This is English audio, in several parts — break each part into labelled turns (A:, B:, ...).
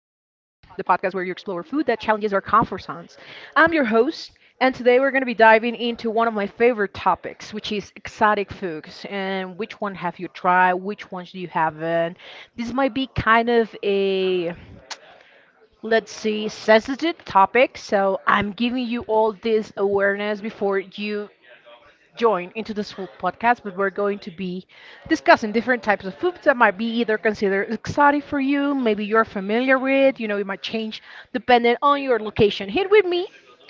A: podcast where you explore food that challenges our comfort zones. I'm your host, and today we're going to be diving into one of my favorite topics, which is exotic foods. And which one have you tried? Which ones do you haven't? This might be kind of a, let's see, sensitive topic, so I'm giving you all this awareness before you join into this whole podcast, but we're going to be discussing different types of foods that might be either considered exotic for you, maybe you're familiar with, you know, it might change depending on your location. Here with me,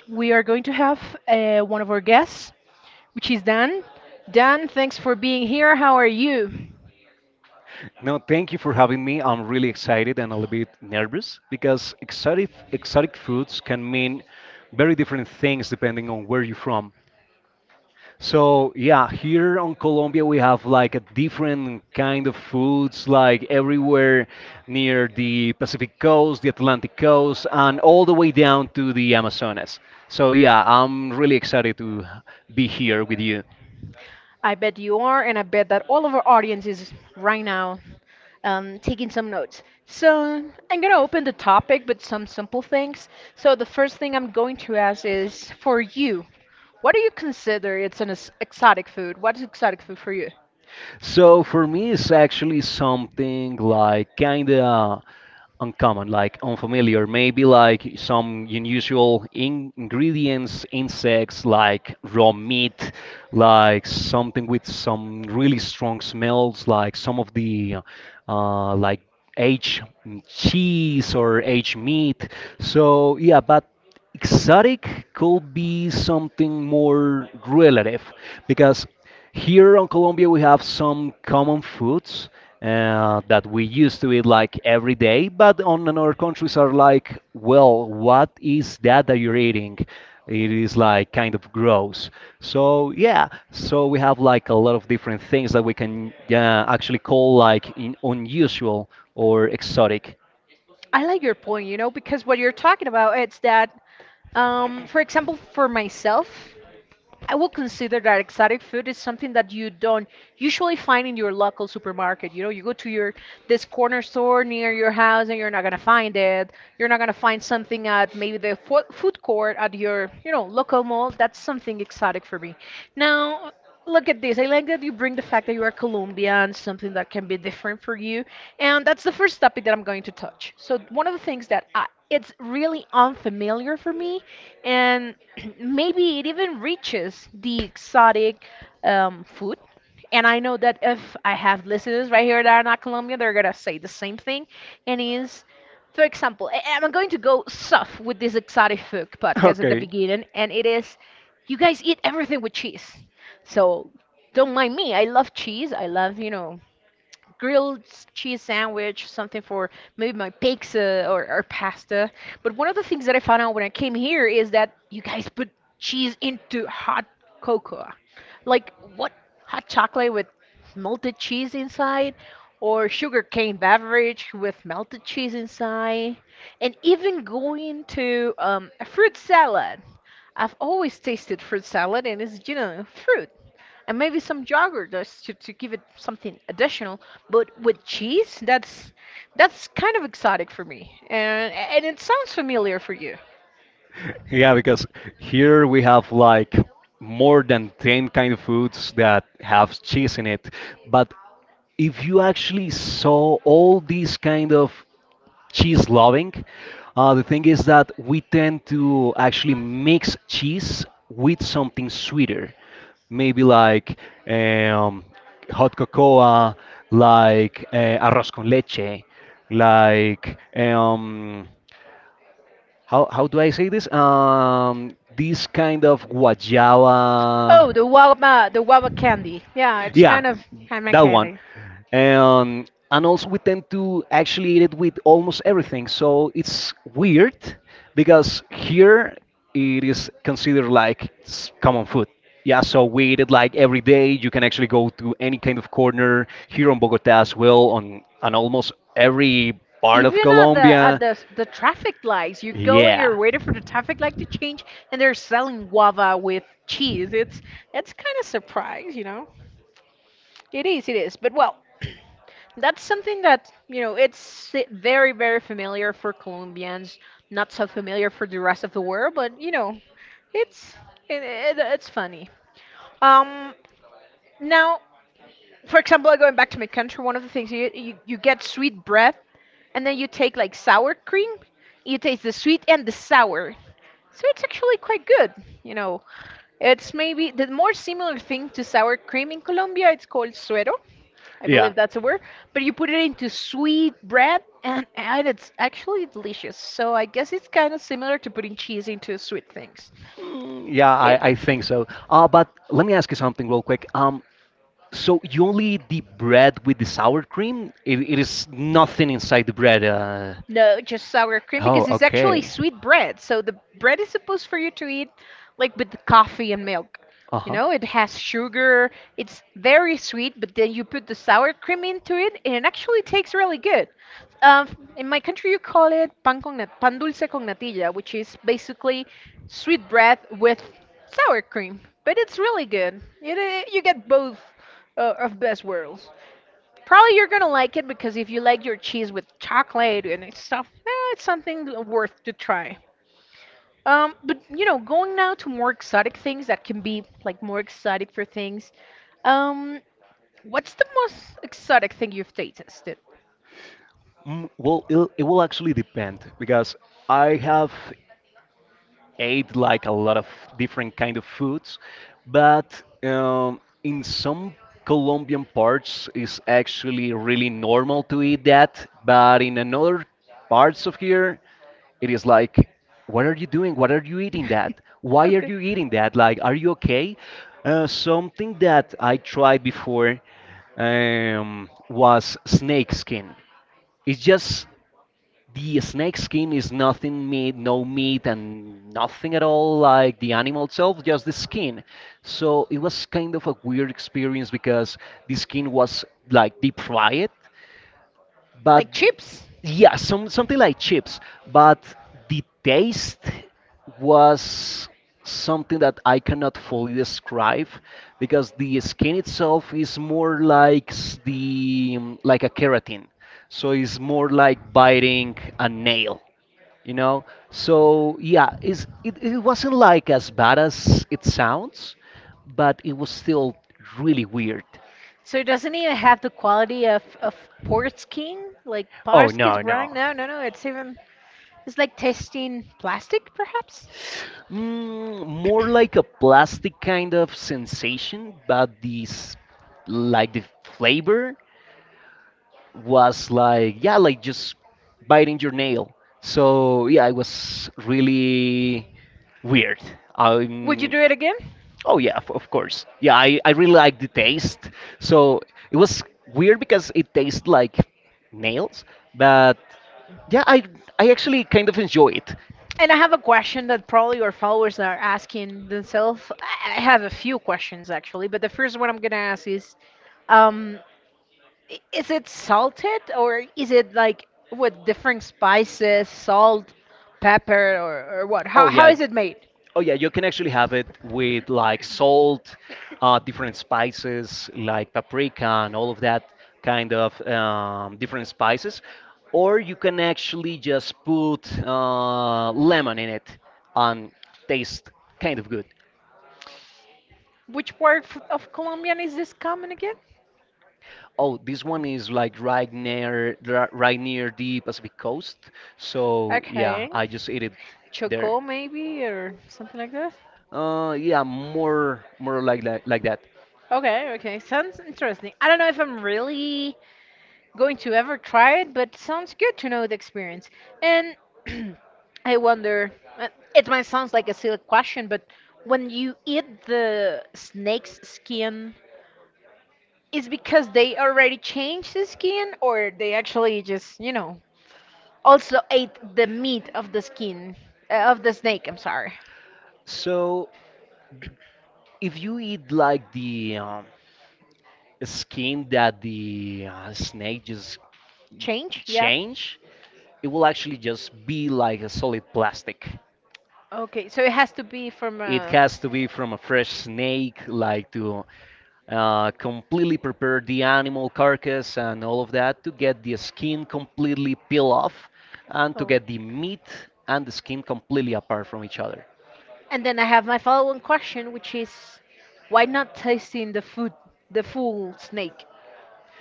A: we are going to have one of our guests, which is Dan. Dan, thanks for being here. How are you?
B: No, thank you for having me. I'm really excited and a little bit nervous because exotic foods can mean very different things depending on where you're from. So yeah, here on Colombia we have like a different kind of foods like everywhere near the Pacific coast, the Atlantic coast, and all the way down to the Amazonas. So yeah, I'm really excited to be here with you.
A: I bet you are, and I bet that all of our audience is right now taking some notes. So I'm going to open the topic with some simple things. So the first thing I'm going to ask is for you, what do you consider it's an exotic food? What is exotic food for you?
B: So for me, it's actually something like kind of uncommon, like unfamiliar, maybe like some unusual in ingredients, insects, like raw meat, like something with some really strong smells, like some of the like aged cheese or aged meat. So yeah, but exotic could be something more relative because. Here on Colombia, we have some common foods that we used to eat like every day, but on another countries are like, well, what is that that you're eating? It is like kind of gross. So yeah, so we have like a lot of different things that we can actually call like in unusual or exotic.
A: I like your point, you know, because what you're talking about it's that, for example, for myself, I would consider that exotic food is something that you don't usually find in your local supermarket. You know, you go to your this corner store near your house and you're not gonna find it. You're not gonna find something at maybe the food court at your, you know, local mall. That's something exotic for me. Now, look at this. I like that you bring the fact that you are Colombian, something that can be different for you. And that's the first topic that I'm going to touch. So, one of the things that I, it's really unfamiliar for me, and maybe it even reaches the exotic food. And I know that if I have listeners right here that are not Colombian, they're going to say the same thing. And is, for example, I'm going to go soft with this exotic food podcast at the beginning, and it is you guys eat everything with cheese. So don't mind me. I love cheese. I love, you know, grilled cheese sandwich, something for maybe my pizza or pasta. But one of the things that I found out when I came here is that you guys put cheese into hot cocoa. Like, what? Hot chocolate with melted cheese inside? Or sugar cane beverage with melted cheese inside? And even going to a fruit salad. I've always tasted fruit salad and it's, you know, fruit and maybe some yogurt just to give it something additional, but with cheese, that's kind of exotic for me. And it sounds familiar for you.
B: Yeah, because here we have like more than 10 kind of foods that have cheese in it. But if you actually saw all these kind of cheese loving, the thing is that we tend to actually mix cheese with something sweeter. Maybe like um, hot cocoa, like arroz con leche, like how do I say this? This kind of
A: Oh,
B: guayaba
A: the waba, the waba candy. Yeah, it's
B: yeah,
A: kind of
B: that one.
A: candy.
B: And also, we tend to actually eat it with almost everything. So it's weird because here it is considered like common food. Yeah, so we eat it like every day. You can actually go to any kind of corner here on Bogota as well, on almost every part of
A: Even at
B: Colombia.
A: the the traffic lights, you go. Yeah. And
B: Yeah.
A: you're waiting for the traffic light to change, and they're selling guava with cheese. It's kind of surprise, you know. It is, it is. But well, that's something that, you know, it's very, very familiar for Colombians, not so familiar for the rest of the world, but, you know, it's it's funny. Um, now, for example, like, going back to my country, one of the things you get sweet bread and then you take like sour cream, you taste the sweet and the sour. So it's actually quite good, you know. It's maybe the more similar thing to sour cream in Colombia, it's called suero, I, yeah,
B: Yeah.
A: believe that's a word. But you put it into sweet bread and it's actually delicious. So I guess it's kind of similar to putting cheese into sweet things.
B: Mm, yeah,
A: Yep.
B: I think so. But let me ask you something real quick. So you only eat the bread with the sour cream? It is nothing inside the bread.
A: No, just sour cream
B: Oh,
A: because it's actually
B: okay.
A: sweet bread. So the bread is supposed for you to eat like with the coffee and milk. You
B: Uh-huh.
A: know, it has sugar. It's very sweet, but then you
B: You put
A: put the
B: the
A: sour
B: cream
A: cream
B: into
A: into it, and it actually tastes really good. Uh, in my
B: pancetta
A: country, you call it pan dulce con
B: natilla,
A: natilla,
B: which
A: which
B: is
A: is
B: basically
A: basically
B: sweet.
A: sweet bread with sour cream. But it's really good. It, you get both of best worlds. Probably you're gonna like it because if you like your cheese with chocolate and it's stuff, eh, it's something worth to try. But you know, going now to more exotic things that can be like more exotic for things. Um, what's the most exotic thing you've tasted?
B: Mm, well, it'll, it will actually depend because I have ate like a lot of different kind of foods, but in some Colombian parts it's actually really normal to eat that, but in another parts of here it is like, what are you doing? What are you eating that? Why are
A: Okay.
B: you eating that? Like, are you okay? Something that I tried before was snake skin. It's just the snake skin is nothing meat, no meat, and nothing at all like the animal itself, just the skin. So it was kind of a weird experience because the skin was like deep fried but
A: Like chips?
B: yeah, something like chips, but the taste was something that I cannot fully describe because the skin itself is more like s- the like a keratin, so it's more like biting a nail, you know. So yeah, it's, it wasn't like as bad as it sounds, but it was still really weird.
A: So doesn't even have the quality of Port's King, like
B: Oh,
A: Port's King's Rang?
B: no.
A: No, no, no. It's even it's like tasting plastic, perhaps.
B: Mm, more like a plastic kind of sensation, but this, like the flavor was like, yeah, like just biting your nail. So yeah, it was really weird.
A: Would you
B: Um,
A: do it again?
B: Oh yeah, of course. Yeah, I really like the taste. So it was weird because it tastes like nails, but yeah, I actually kind of enjoy it.
A: And I have a question that probably your followers are asking themselves. I have a few questions actually, but the first one I'm gonna ask is, um, is it salted or is it like with different spices, salt, pepper, or what?
B: Oh
A: How
B: yeah,
A: is it made?
B: oh yeah, you can actually have it with like salt, different spices like paprika and all of that kind of different spices, or you can actually just put lemon in it and taste kind of good.
A: Which part of Colombian is this common again?
B: Oh, this one is like right near right near the Pacific coast. So yeah,
A: Okay.
B: I just ate it there.
A: Choco, maybe, or something like that.
B: Yeah, more like that, like that.
A: Okay, okay. Sounds interesting. I don't know if I'm really going to ever try it, but sounds good to know the experience. And I wonder, uh, it might sound like a silly question, but when you eat the snake's skin, is because they already changed the skin, or they actually just, you know, also ate the meat of the skin, of the snake, I'm sorry.
B: So if you eat like the skin that the snake just
A: Change? Yeah.
B: change, it will actually just be like a solid plastic.
A: Okay, so it has to be from
B: It
A: a.
B: has to be from a fresh snake, like to completely prepare the animal carcass and all of that to get the skin completely peel off and to
A: Oh.
B: get the meat and the skin completely apart from each other.
A: And then I have my following question, which is, why not tasting the food, the full snake?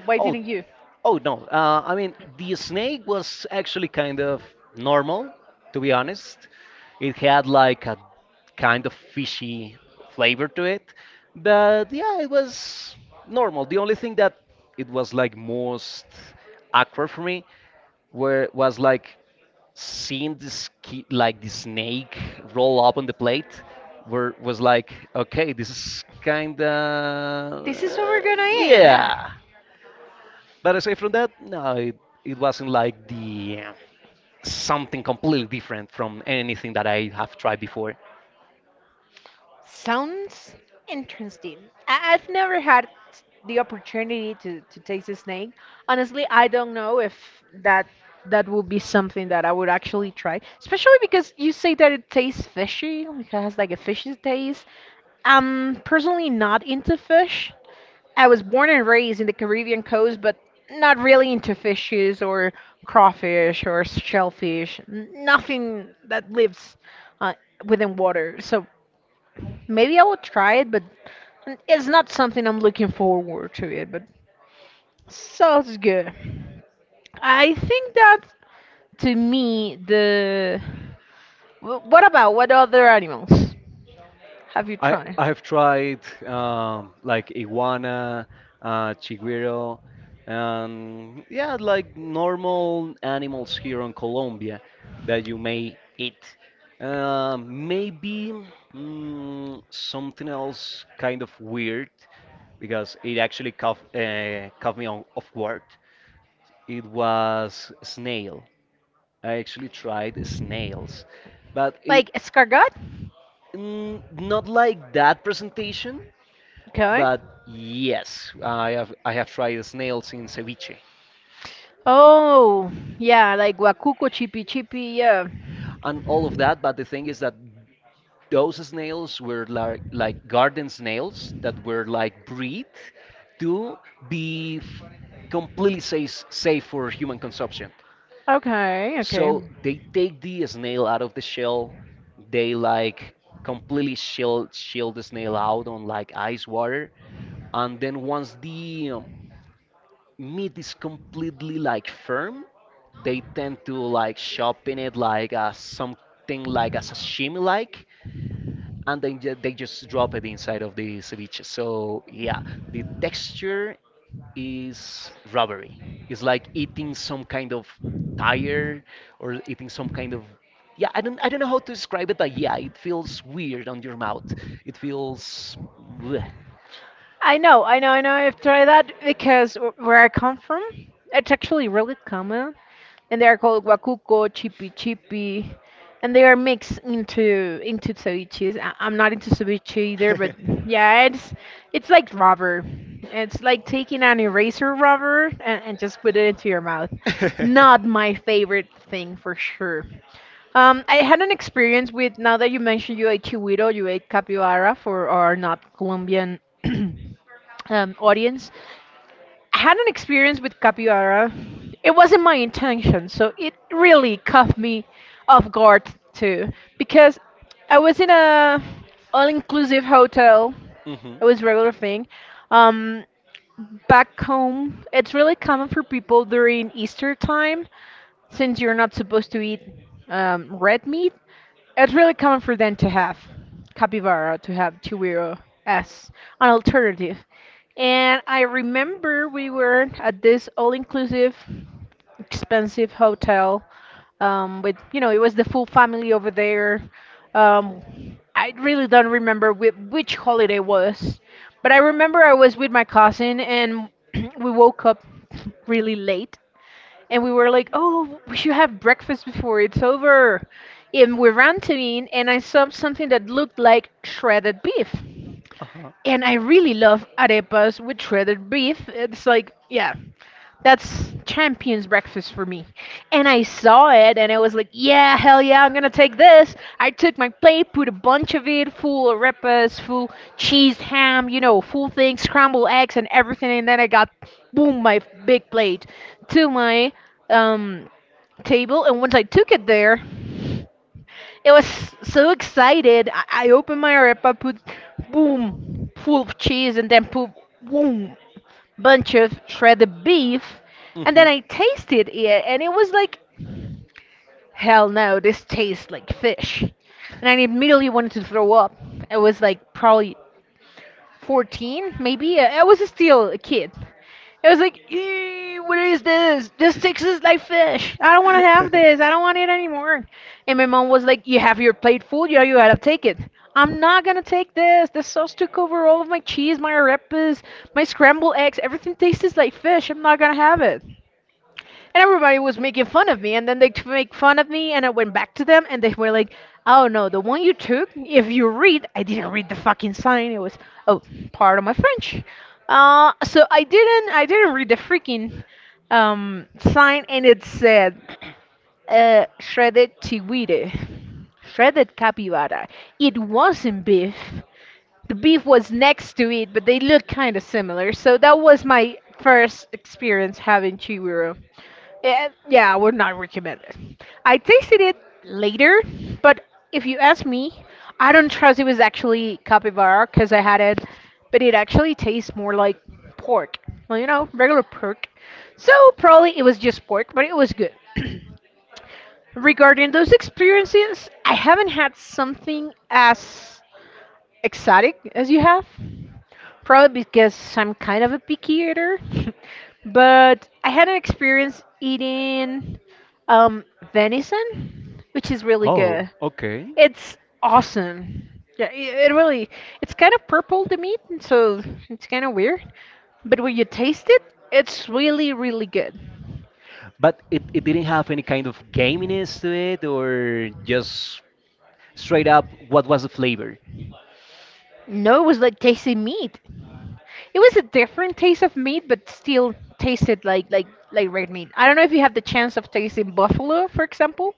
A: Why
B: Oh,
A: didn't you?
B: oh no. I mean, the snake was actually kind of normal, to be honest. It had like a kind of fishy flavor to it, but yeah, it was normal. The only thing that it was like most awkward for me were was like seeing this ki like the snake roll up on the plate, were was like, okay, this is kinda
A: This is what we're gonna eat. Yeah.
B: yeah, but aside from that no, it, it wasn't like the something completely different from anything that I have tried before.
A: Sounds interesting. I've never had the opportunity to taste a snake. Honestly, I don't know if that that would be something that I would actually try, especially because you say that it tastes fishy, like it has like a fishy taste. I'm personally not into fish. I was born and raised in the Caribbean coast, but not really into fishes or crawfish or shellfish. Nothing that lives uh, within water. So maybe I will try it, but it's not something I'm looking forward to it, but sounds good. I think that to me the what about what other animals have you tried?
B: I have tried like iguana, chigüiro, and yeah, like normal animals here in Colombia that you may eat. Maybe mm, something else kind of weird because it actually caught caught me on off guard. It was snail. I actually tried snails, but it,
A: Like escargot?
B: mm, not like that presentation.
A: Okay.
B: But yes, I have tried snails in ceviche
A: Oh, yeah, like Wakuko Chippy Chippy, yeah.
B: and all of that. But the thing is that those snails were like garden snails that were like breed to be f- completely safe for human consumption.
A: Okay,
B: So they take the snail out of the shell. They like completely shield the snail out on like ice water, and then once the meat is completely like firm, they tend to like shop in it like something like a sashimi like, and then they just drop it inside of the ceviche. So yeah, the texture is rubbery. It's like eating some kind of tire or eating some kind of yeah. I don't know how to describe it, but yeah, it feels weird on your mouth. It feels bleh.
A: I know, I know, I know. I've tried that because where I come from, it's actually really common. And they are called guacuco, chipi chipi, and they are mixed into ceviches. I'm not into ceviche either, but yeah, it's like rubber. It's like taking an eraser rubber and just put it into your mouth. Not my favorite thing for sure. I had an experience with, now that you mentioned you ate chihuiro, you ate capybara for our not Colombian audience. I had an experience with capybara. It wasn't my intention, so it really caught me off guard too, because I was in a all-inclusive hotel.
B: Hmm.
A: It was regular thing. Um, back home, it's really common for people during Easter time since you're not supposed to eat red meat, it's really common for them to have capybara, to have chigüiro as an alternative. And I remember we were at this all-inclusive, expensive hotel, with, you know, it was the full family over there. I really don't remember which holiday was, but I remember I was with my cousin and we woke up really late and we were like, "Oh, we should have breakfast before it's over." And we ran to in, and I saw something that looked like shredded beef.
B: Uh-huh.
A: And I really love arepas with shredded beef. It's like, yeah, that's champions breakfast for me. And I saw it and I was like, yeah, hell yeah, I'm gonna take this. I took my plate, put a bunch of it, full arepas, full cheese, ham, you know, full things, scrambled eggs and everything, and then I got boom my big plate to my um table, and once I took it there it was so excited. I opened my arepa, put boom, full of cheese, and then put, boom, bunch of shredded beef, and
B: Hmm.
A: then I tasted it, and it was like, hell no, this tastes like fish. And I immediately wanted to throw up. It was like probably 14 maybe. I was still a kid. I was like, "Ew, what is this, tastes like fish. I don't want to have this, I don't want it anymore." And my mom was like, "You have your plate full, yeah, you gotta take it." I'm not gonna take this, the sauce took over all of my cheese, my arepas, my scrambled eggs, everything tastes like fish, I'm not gonna have it. And everybody was making fun of me, and then they make fun of me, and I went back to them, and they were like, "Oh no, the one you took, if you read." I didn't read the fucking sign. It was, oh, part of my french. So I didn't read the freaking sign, and it said shredded chihuire, shredded capybara. It wasn't beef, the beef was next to it, but they look kind of similar. So that was my first experience having chigüiro." And yeah, I would not recommend it. I tasted it later, but if you ask me, I don't trust it was actually capybara because I had it, but it actually tastes more like pork. Well, you know, regular pork. So probably it was just pork, but it was good. Regarding those experiences, I haven't had something as exotic as you have. Probably because I'm kind of a picky eater. But I had an experience eating um, venison, which is really good.
B: Okay.
A: It's awesome. Yeah, it really, it's kind of purple, the meat, and so it's kind of weird. But when you taste it, it's really, really good.
B: But it didn't have any kind of gaminess to it, or just straight up, what was the flavor?
A: No, it was like tasting meat. It was a different taste of meat, but still tasted like like red meat. I don't know if you have the chance of tasting buffalo, for example.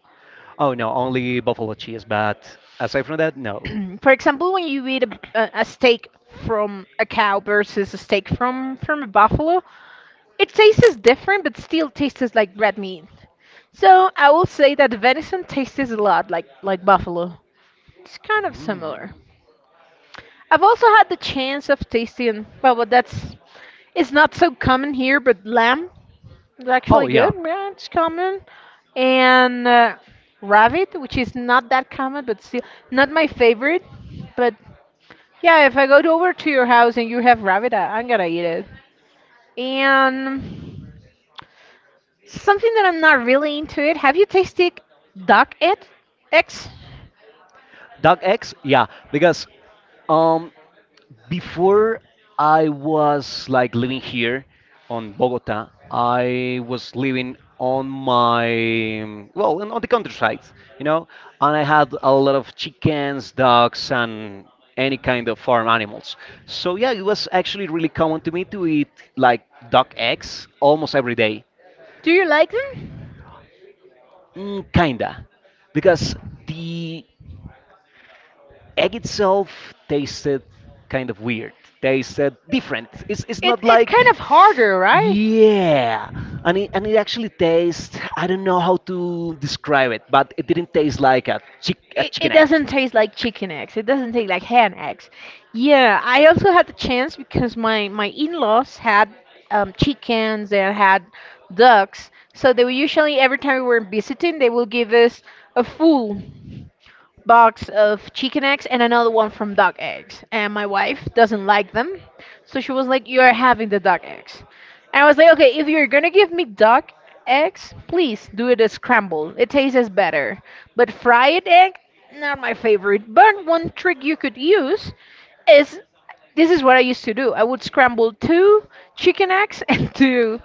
B: Oh no, only buffalo cheese, but aside from that, no.
A: For example, when you eat a steak from a cow versus a steak from a buffalo, it tastes different, but still tastes like red meat. So I will say that the venison tastes a lot like buffalo. It's kind of similar. I've also had the chance of tasting, well, but that's it's not so common here, but lamb. It's
B: Oh
A: actually good.
B: yeah,
A: Yeah, it's common. And rabbit, which is not that common, but still not my favorite. But yeah, if I over to your house and you have rabbit, I'm gonna eat it. And something that I'm not really into it. Have you tasted duck eggs?
B: dog eggs, yeah, because um before I was like living here on Bogota, I was living on my well on the countryside, you know, and I had a lot of chickens, ducks, and any kind of farm animals. So yeah, it was actually really common to me to eat like duck eggs almost every day.
A: Do you like them?
B: Mm, kinda, because the egg itself tasted kind of weird. Tasted different. It's
A: It,
B: not
A: it's
B: like
A: kind of harder, right?
B: yeah. And it actually tastes I don't know how to describe it, but it didn't taste like a
A: It,
B: chicken
A: it doesn't taste like chicken eggs. It doesn't taste like hen eggs. Yeah, I also had the chance because my in laws had chickens and had ducks. So they were usually, every time we were visiting, they will give us a full box of chicken eggs and another one from duck eggs. And my wife doesn't like them. So she was like, "You're having the duck eggs." And I was like, "Okay, if you're gonna give me duck eggs,
B: egg.
A: please do it as scrambled. It tastes better. But fried egg, not my favorite." But one trick you could use is, this is what I used to do. I would scramble two chicken eggs and two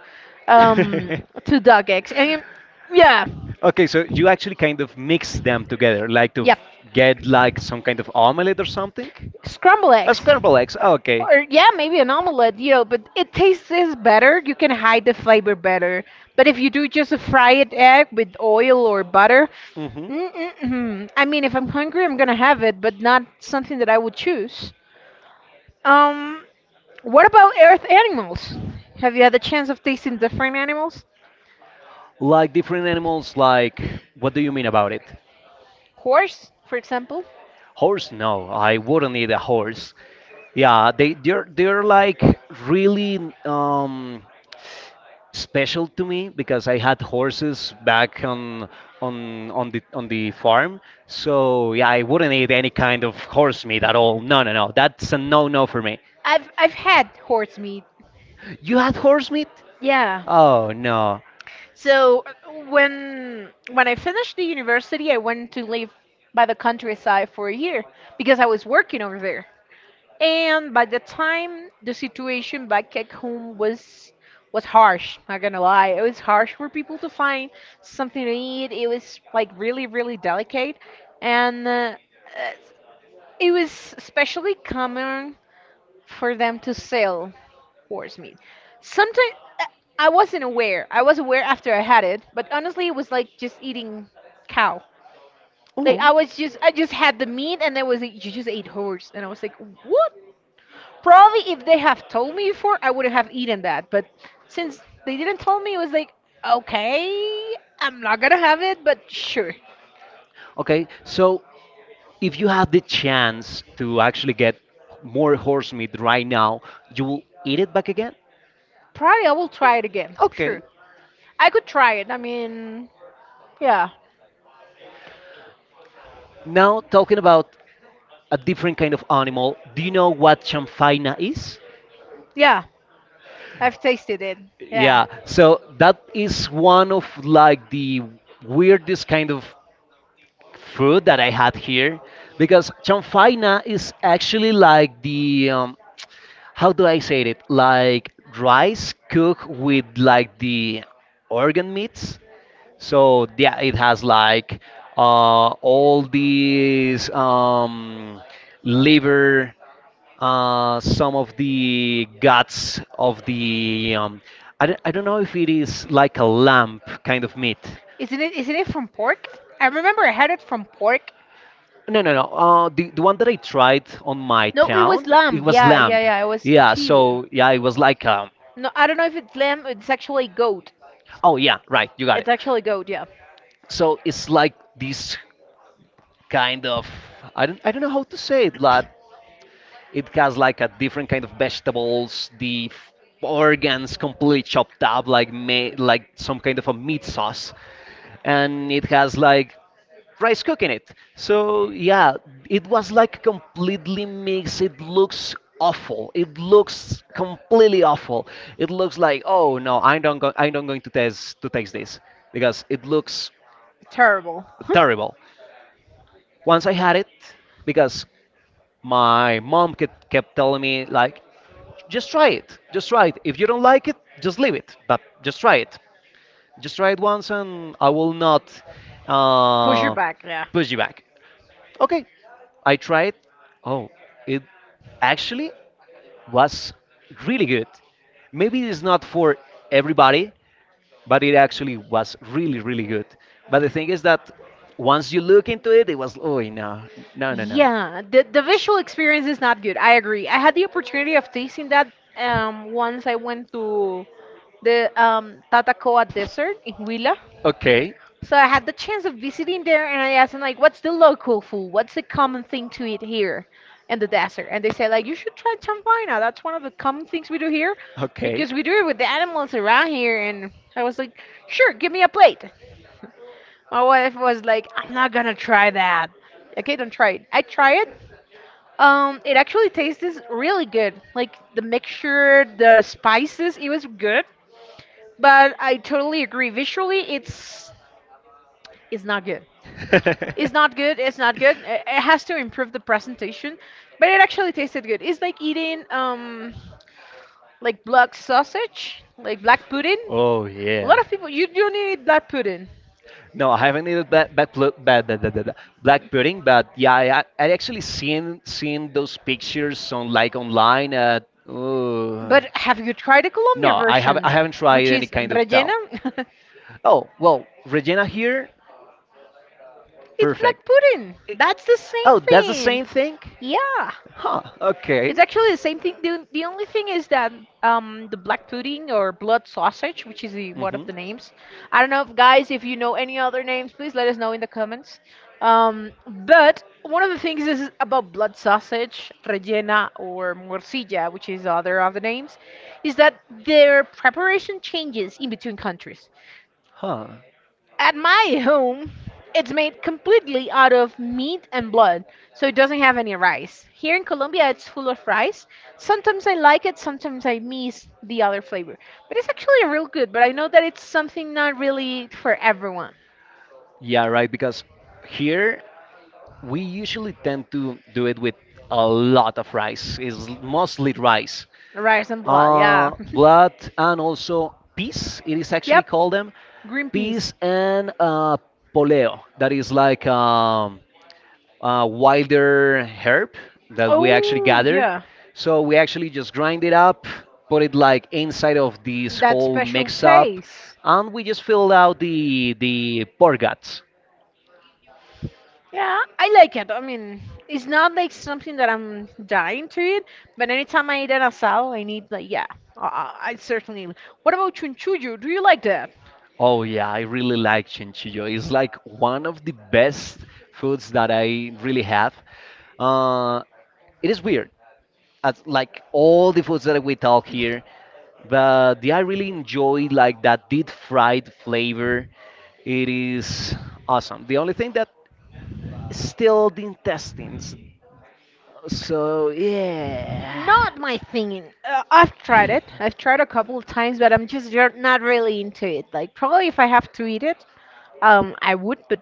A: duck eggs. And yeah.
B: Okay, so you actually kind of mix them together, like to
A: Yep.
B: get like some kind of omelette or something?
A: Scrambled
B: A
A: eggs.
B: scrambled eggs. Oh, okay.
A: Or yeah, maybe an omelet, you know, but it tastes better. You can hide the flavor better. But if you do just a fried egg with oil or butter,
B: Hmm.
A: mm-mm-mm. I mean, if I'm hungry, I'm gonna have it, but not something that I would choose. Um, what about earth animals? Have you had the chance of tasting different animals?
B: Like different animals, like what do you mean about it?
A: Horse, for example.
B: Horse? No, I wouldn't eat a horse. Yeah, they're like really um special to me because I had horses back on the on the farm. So yeah, I wouldn't eat any kind of horse meat at all. No, no, no. That's a no-no for me.
A: I've had horse meat.
B: You had horse meat?
A: Yeah.
B: Oh no.
A: So when I finished the university, I went to live by the countryside for a year because I was working over there. And by the time the situation back at home was harsh, not gonna lie. It was harsh for people to find something to eat. It was like really, really delicate, and it was especially common for them to sell horse meat. Sometimes I wasn't aware. I was aware after I had it, but honestly, it was like just eating cow. Like
B: Oh.
A: I was just, I just had the meat, and there was a, you just ate horse, and I was like, what? Probably if they have told me before, I wouldn't have eaten that. But since they didn't tell me, it was like, okay, I'm not gonna have it, but sure.
B: Okay, so if you had the chance to actually get more horse meat right now, you will eat it back again?
A: Probably I will try it again.
B: Okay.
A: Sure, I could try it. I mean, yeah,
B: Now talking about a different kind of animal. Do you know what chamfaina is?
A: yeah, I've tasted it. Yeah.
B: Yeah, so that is one of like the weirdest kind of food that I had here because chamfaina is actually like the how do I say it? Like rice cooked with like the organ meats. So yeah, it has like all these liver, some of the guts of the I don't know if it is like a lamb kind of meat.
A: Isn't it? Isn't it from pork? I remember I had it from pork.
B: No, no, no. The one that I tried on my
A: No, it
B: town,
A: was
B: it
A: lamb.
B: was
A: Yeah, yeah,
B: lamb.
A: yeah. It was
B: Yeah,
A: chivo.
B: so yeah, it was like
A: No, I don't know if it's lamb. It's actually goat.
B: oh yeah, right, you got it.
A: It's actually goat. Yeah.
B: So it's like this kind of I don't know how to say it, like it has like a different kind of vegetables, the organs completely chopped up, like like some kind of a meat sauce, and it has like rice cooking it. So yeah, it was like completely mixed. It looks awful. It looks completely awful. It looks like oh no, I don't going to taste this because it looks
A: Terrible.
B: terrible. Once I had it, because my mom kept telling me like just try it. Just try it. If you don't like it, just leave it. But just try it. Just try it once, and I will not
A: Push your
B: uh,
A: back. Yeah.
B: push you back. Okay, I tried. Oh, it actually was really good. Maybe it's not for everybody, but it actually was really, really good. But the thing is that once you look into it, it was oh no, no, no, no.
A: Yeah, the visual experience is not good. I agree. I had the opportunity of tasting that once I went to the Tatacoa Desert in Huila.
B: Okay,
A: So I had the chance of visiting there, and I asked them like, "What's the local food? What's the common thing to eat here in the desert?" And they said like, "You should try champaina. That's one of the common things we do here,
B: okay.
A: because we do it with the animals around here." And I was like, "Sure, give me a plate." My wife was like, "I'm not gonna try that." Okay, don't try it. I try it. It actually tastes really good. Like the mixture, the spices, it was good. But I totally agree. Visually, it's not good. It's not good. It's not good. It has to improve the presentation, but it actually tasted good. It's like eating like black sausage, like black pudding.
B: Oh
A: A lot
B: yeah.
A: of people you don't eat black pudding.
B: No, I haven't eaten black black, plu- ba- da- da- da- da- black pudding, but yeah, I actually seen those pictures on like online.
A: But have you tried the Colombian
B: No, I haven't I
A: version,
B: haven't tried
A: which
B: any
A: is
B: kind of tal.
A: rellena?
B: Oh well, Regina here,
A: It's
B: perfect.
A: black pudding.
B: It-
A: That's the same
B: oh, that's the
A: thing.
B: same thing.
A: Yeah.
B: Huh? Okay.
A: It's actually the same thing. The only thing is that the black pudding or blood sausage, which is the, one of
B: Mm-hmm.
A: the names. I don't know if guys, if you know any other names, please let us know in the comments. But one of the things is about blood sausage, rellena, or morcilla, which is other of the names, is that their preparation changes in between countries.
B: Huh.
A: At my home, it's made completely out of meat and blood, so it doesn't have any rice. Here in Colombia, it's full of rice. Sometimes I like it, sometimes I miss the other flavor. But it's actually real good, but I know that it's something not really for everyone.
B: Yeah, right. Because here we usually tend to do it with a lot of rice. It's mostly rice,
A: Rice and blood, yeah.
B: blood, and also peas. It is actually
A: Yep,
B: called them
A: green peas.
B: peas and poleo. That is like a wilder herb that we actually
A: Oh,
B: gather.
A: yeah.
B: So we actually just grind it up, put it like inside of this
A: That
B: whole
A: special
B: mix up,
A: taste.
B: and we just fill out the pork guts.
A: Yeah, I like it. I mean, it's not like something that I'm dying to eat, but anytime I eat an asado, I need like yeah, I I certainly. What about chunchullo? Do you like that?
B: Oh yeah, I really like chinchillo. It's like one of the best foods that I really have. Uh, it is weird, as like all the foods that we talk here, but the, I really enjoy like that deep fried flavor. It is awesome. The only thing that is still the intestines. So yeah.
A: Not my thing. I've tried it. I've tried a couple of times, but I'm just not really into it. Like probably if I have to eat it, I would, but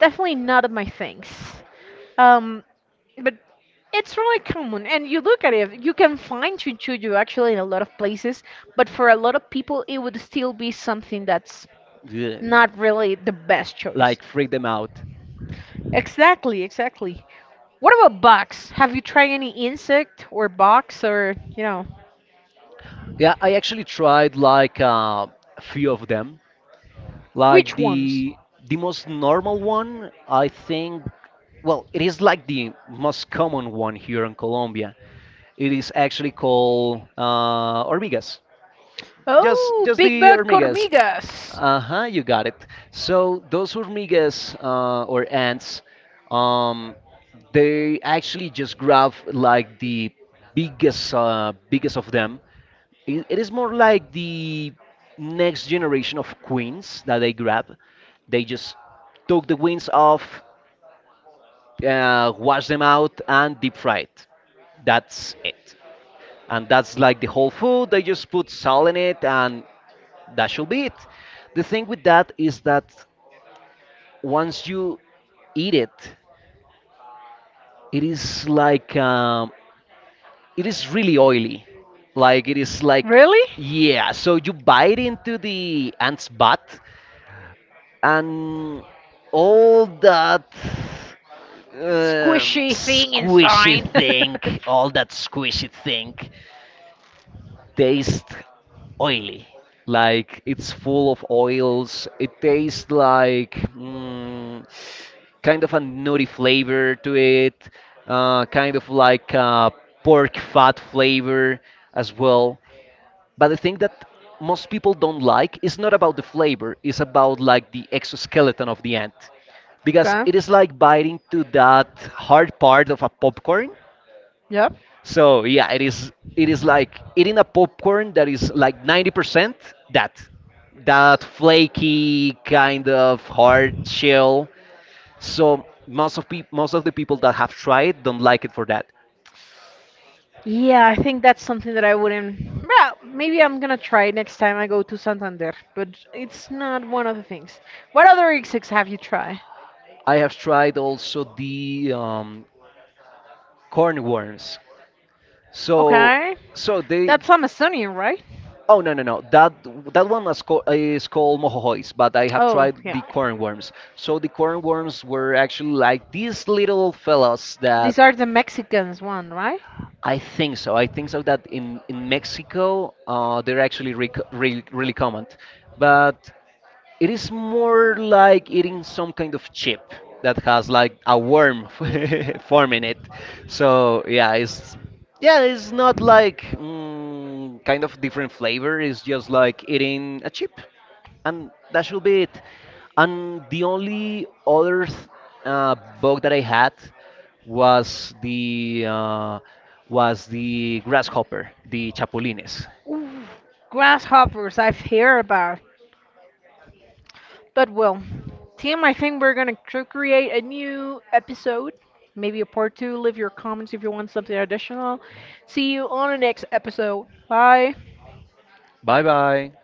A: definitely not of my things. Um, but it's really common, and you look at it, you can find chinchullo actually in a lot of places, but for a lot of people, it would still be something that's
B: Yeah,
A: not really the best choice.
B: like freak them out.
A: Exactly, exactly. What about bugs? Have you tried any insect or bugs or, you know,
B: Yeah, I actually tried like a few of them. Like
A: which ones?
B: the most normal one, I think, well, it is like the most common one here in Colombia. It is actually called hormigas. Just
A: Oh,
B: just
A: Big
B: the
A: Bad
B: hormigas.
A: Cormigas.
B: Uh-huh, you got it. So those hormigas or ants, um, they actually just grab like the biggest biggest of them. It is more like the next generation of queens that they grab. They just took the wings off, wash them out, and deep fried. That's it. And that's like the whole food. They just put salt in it, and that should be it. The thing with that is that once you eat it, it is like it is really oily. Like it is like
A: Really?
B: yeah. So you bite into the ant's butt, and all that
A: Squishy thing
B: squishy
A: inside.
B: thing, all that squishy thing, tastes oily. Like it's full of oils. It tastes like kind of a nutty flavor to it, kind of like a pork fat flavor as well. But the thing that most people don't like is not about the flavor, it's about like the exoskeleton of the ant because
A: Okay.
B: it is like biting to that hard part of a popcorn.
A: Yep.
B: So yeah, it is like eating a popcorn that is like 90% that that flaky kind of hard shell. So most of the people that have tried don't like it for that.
A: Yeah, I think that's something that I wouldn't. Well, maybe I'm gonna try it next time I go to Santander, but it's not one of the things. What other exotics have you tried?
B: I have tried also the cornworms. So
A: Okay,
B: so they
A: that's Amazonian, right?
B: Oh no no no! That is called mojojois, but I have
A: Oh,
B: tried
A: yeah.
B: the corn worms. So the corn worms were actually like these little fellas that
A: These are the Mexicans one, right?
B: I think so. I think so that in Mexico, they're actually re- re- really common, but it is more like eating some kind of chip that has like a worm forming it. So yeah, it's not like kind of different flavor. It's just like eating a chip, and that should be it. And the only bug that I had was the grasshopper, the chapulines.
A: Ooh, grasshoppers, I've heard about. But well, Tim, I think we're gonna create a new episode, maybe a part two. Leave your comments if you want something additional. See you on the next episode. Bye.
B: Bye bye.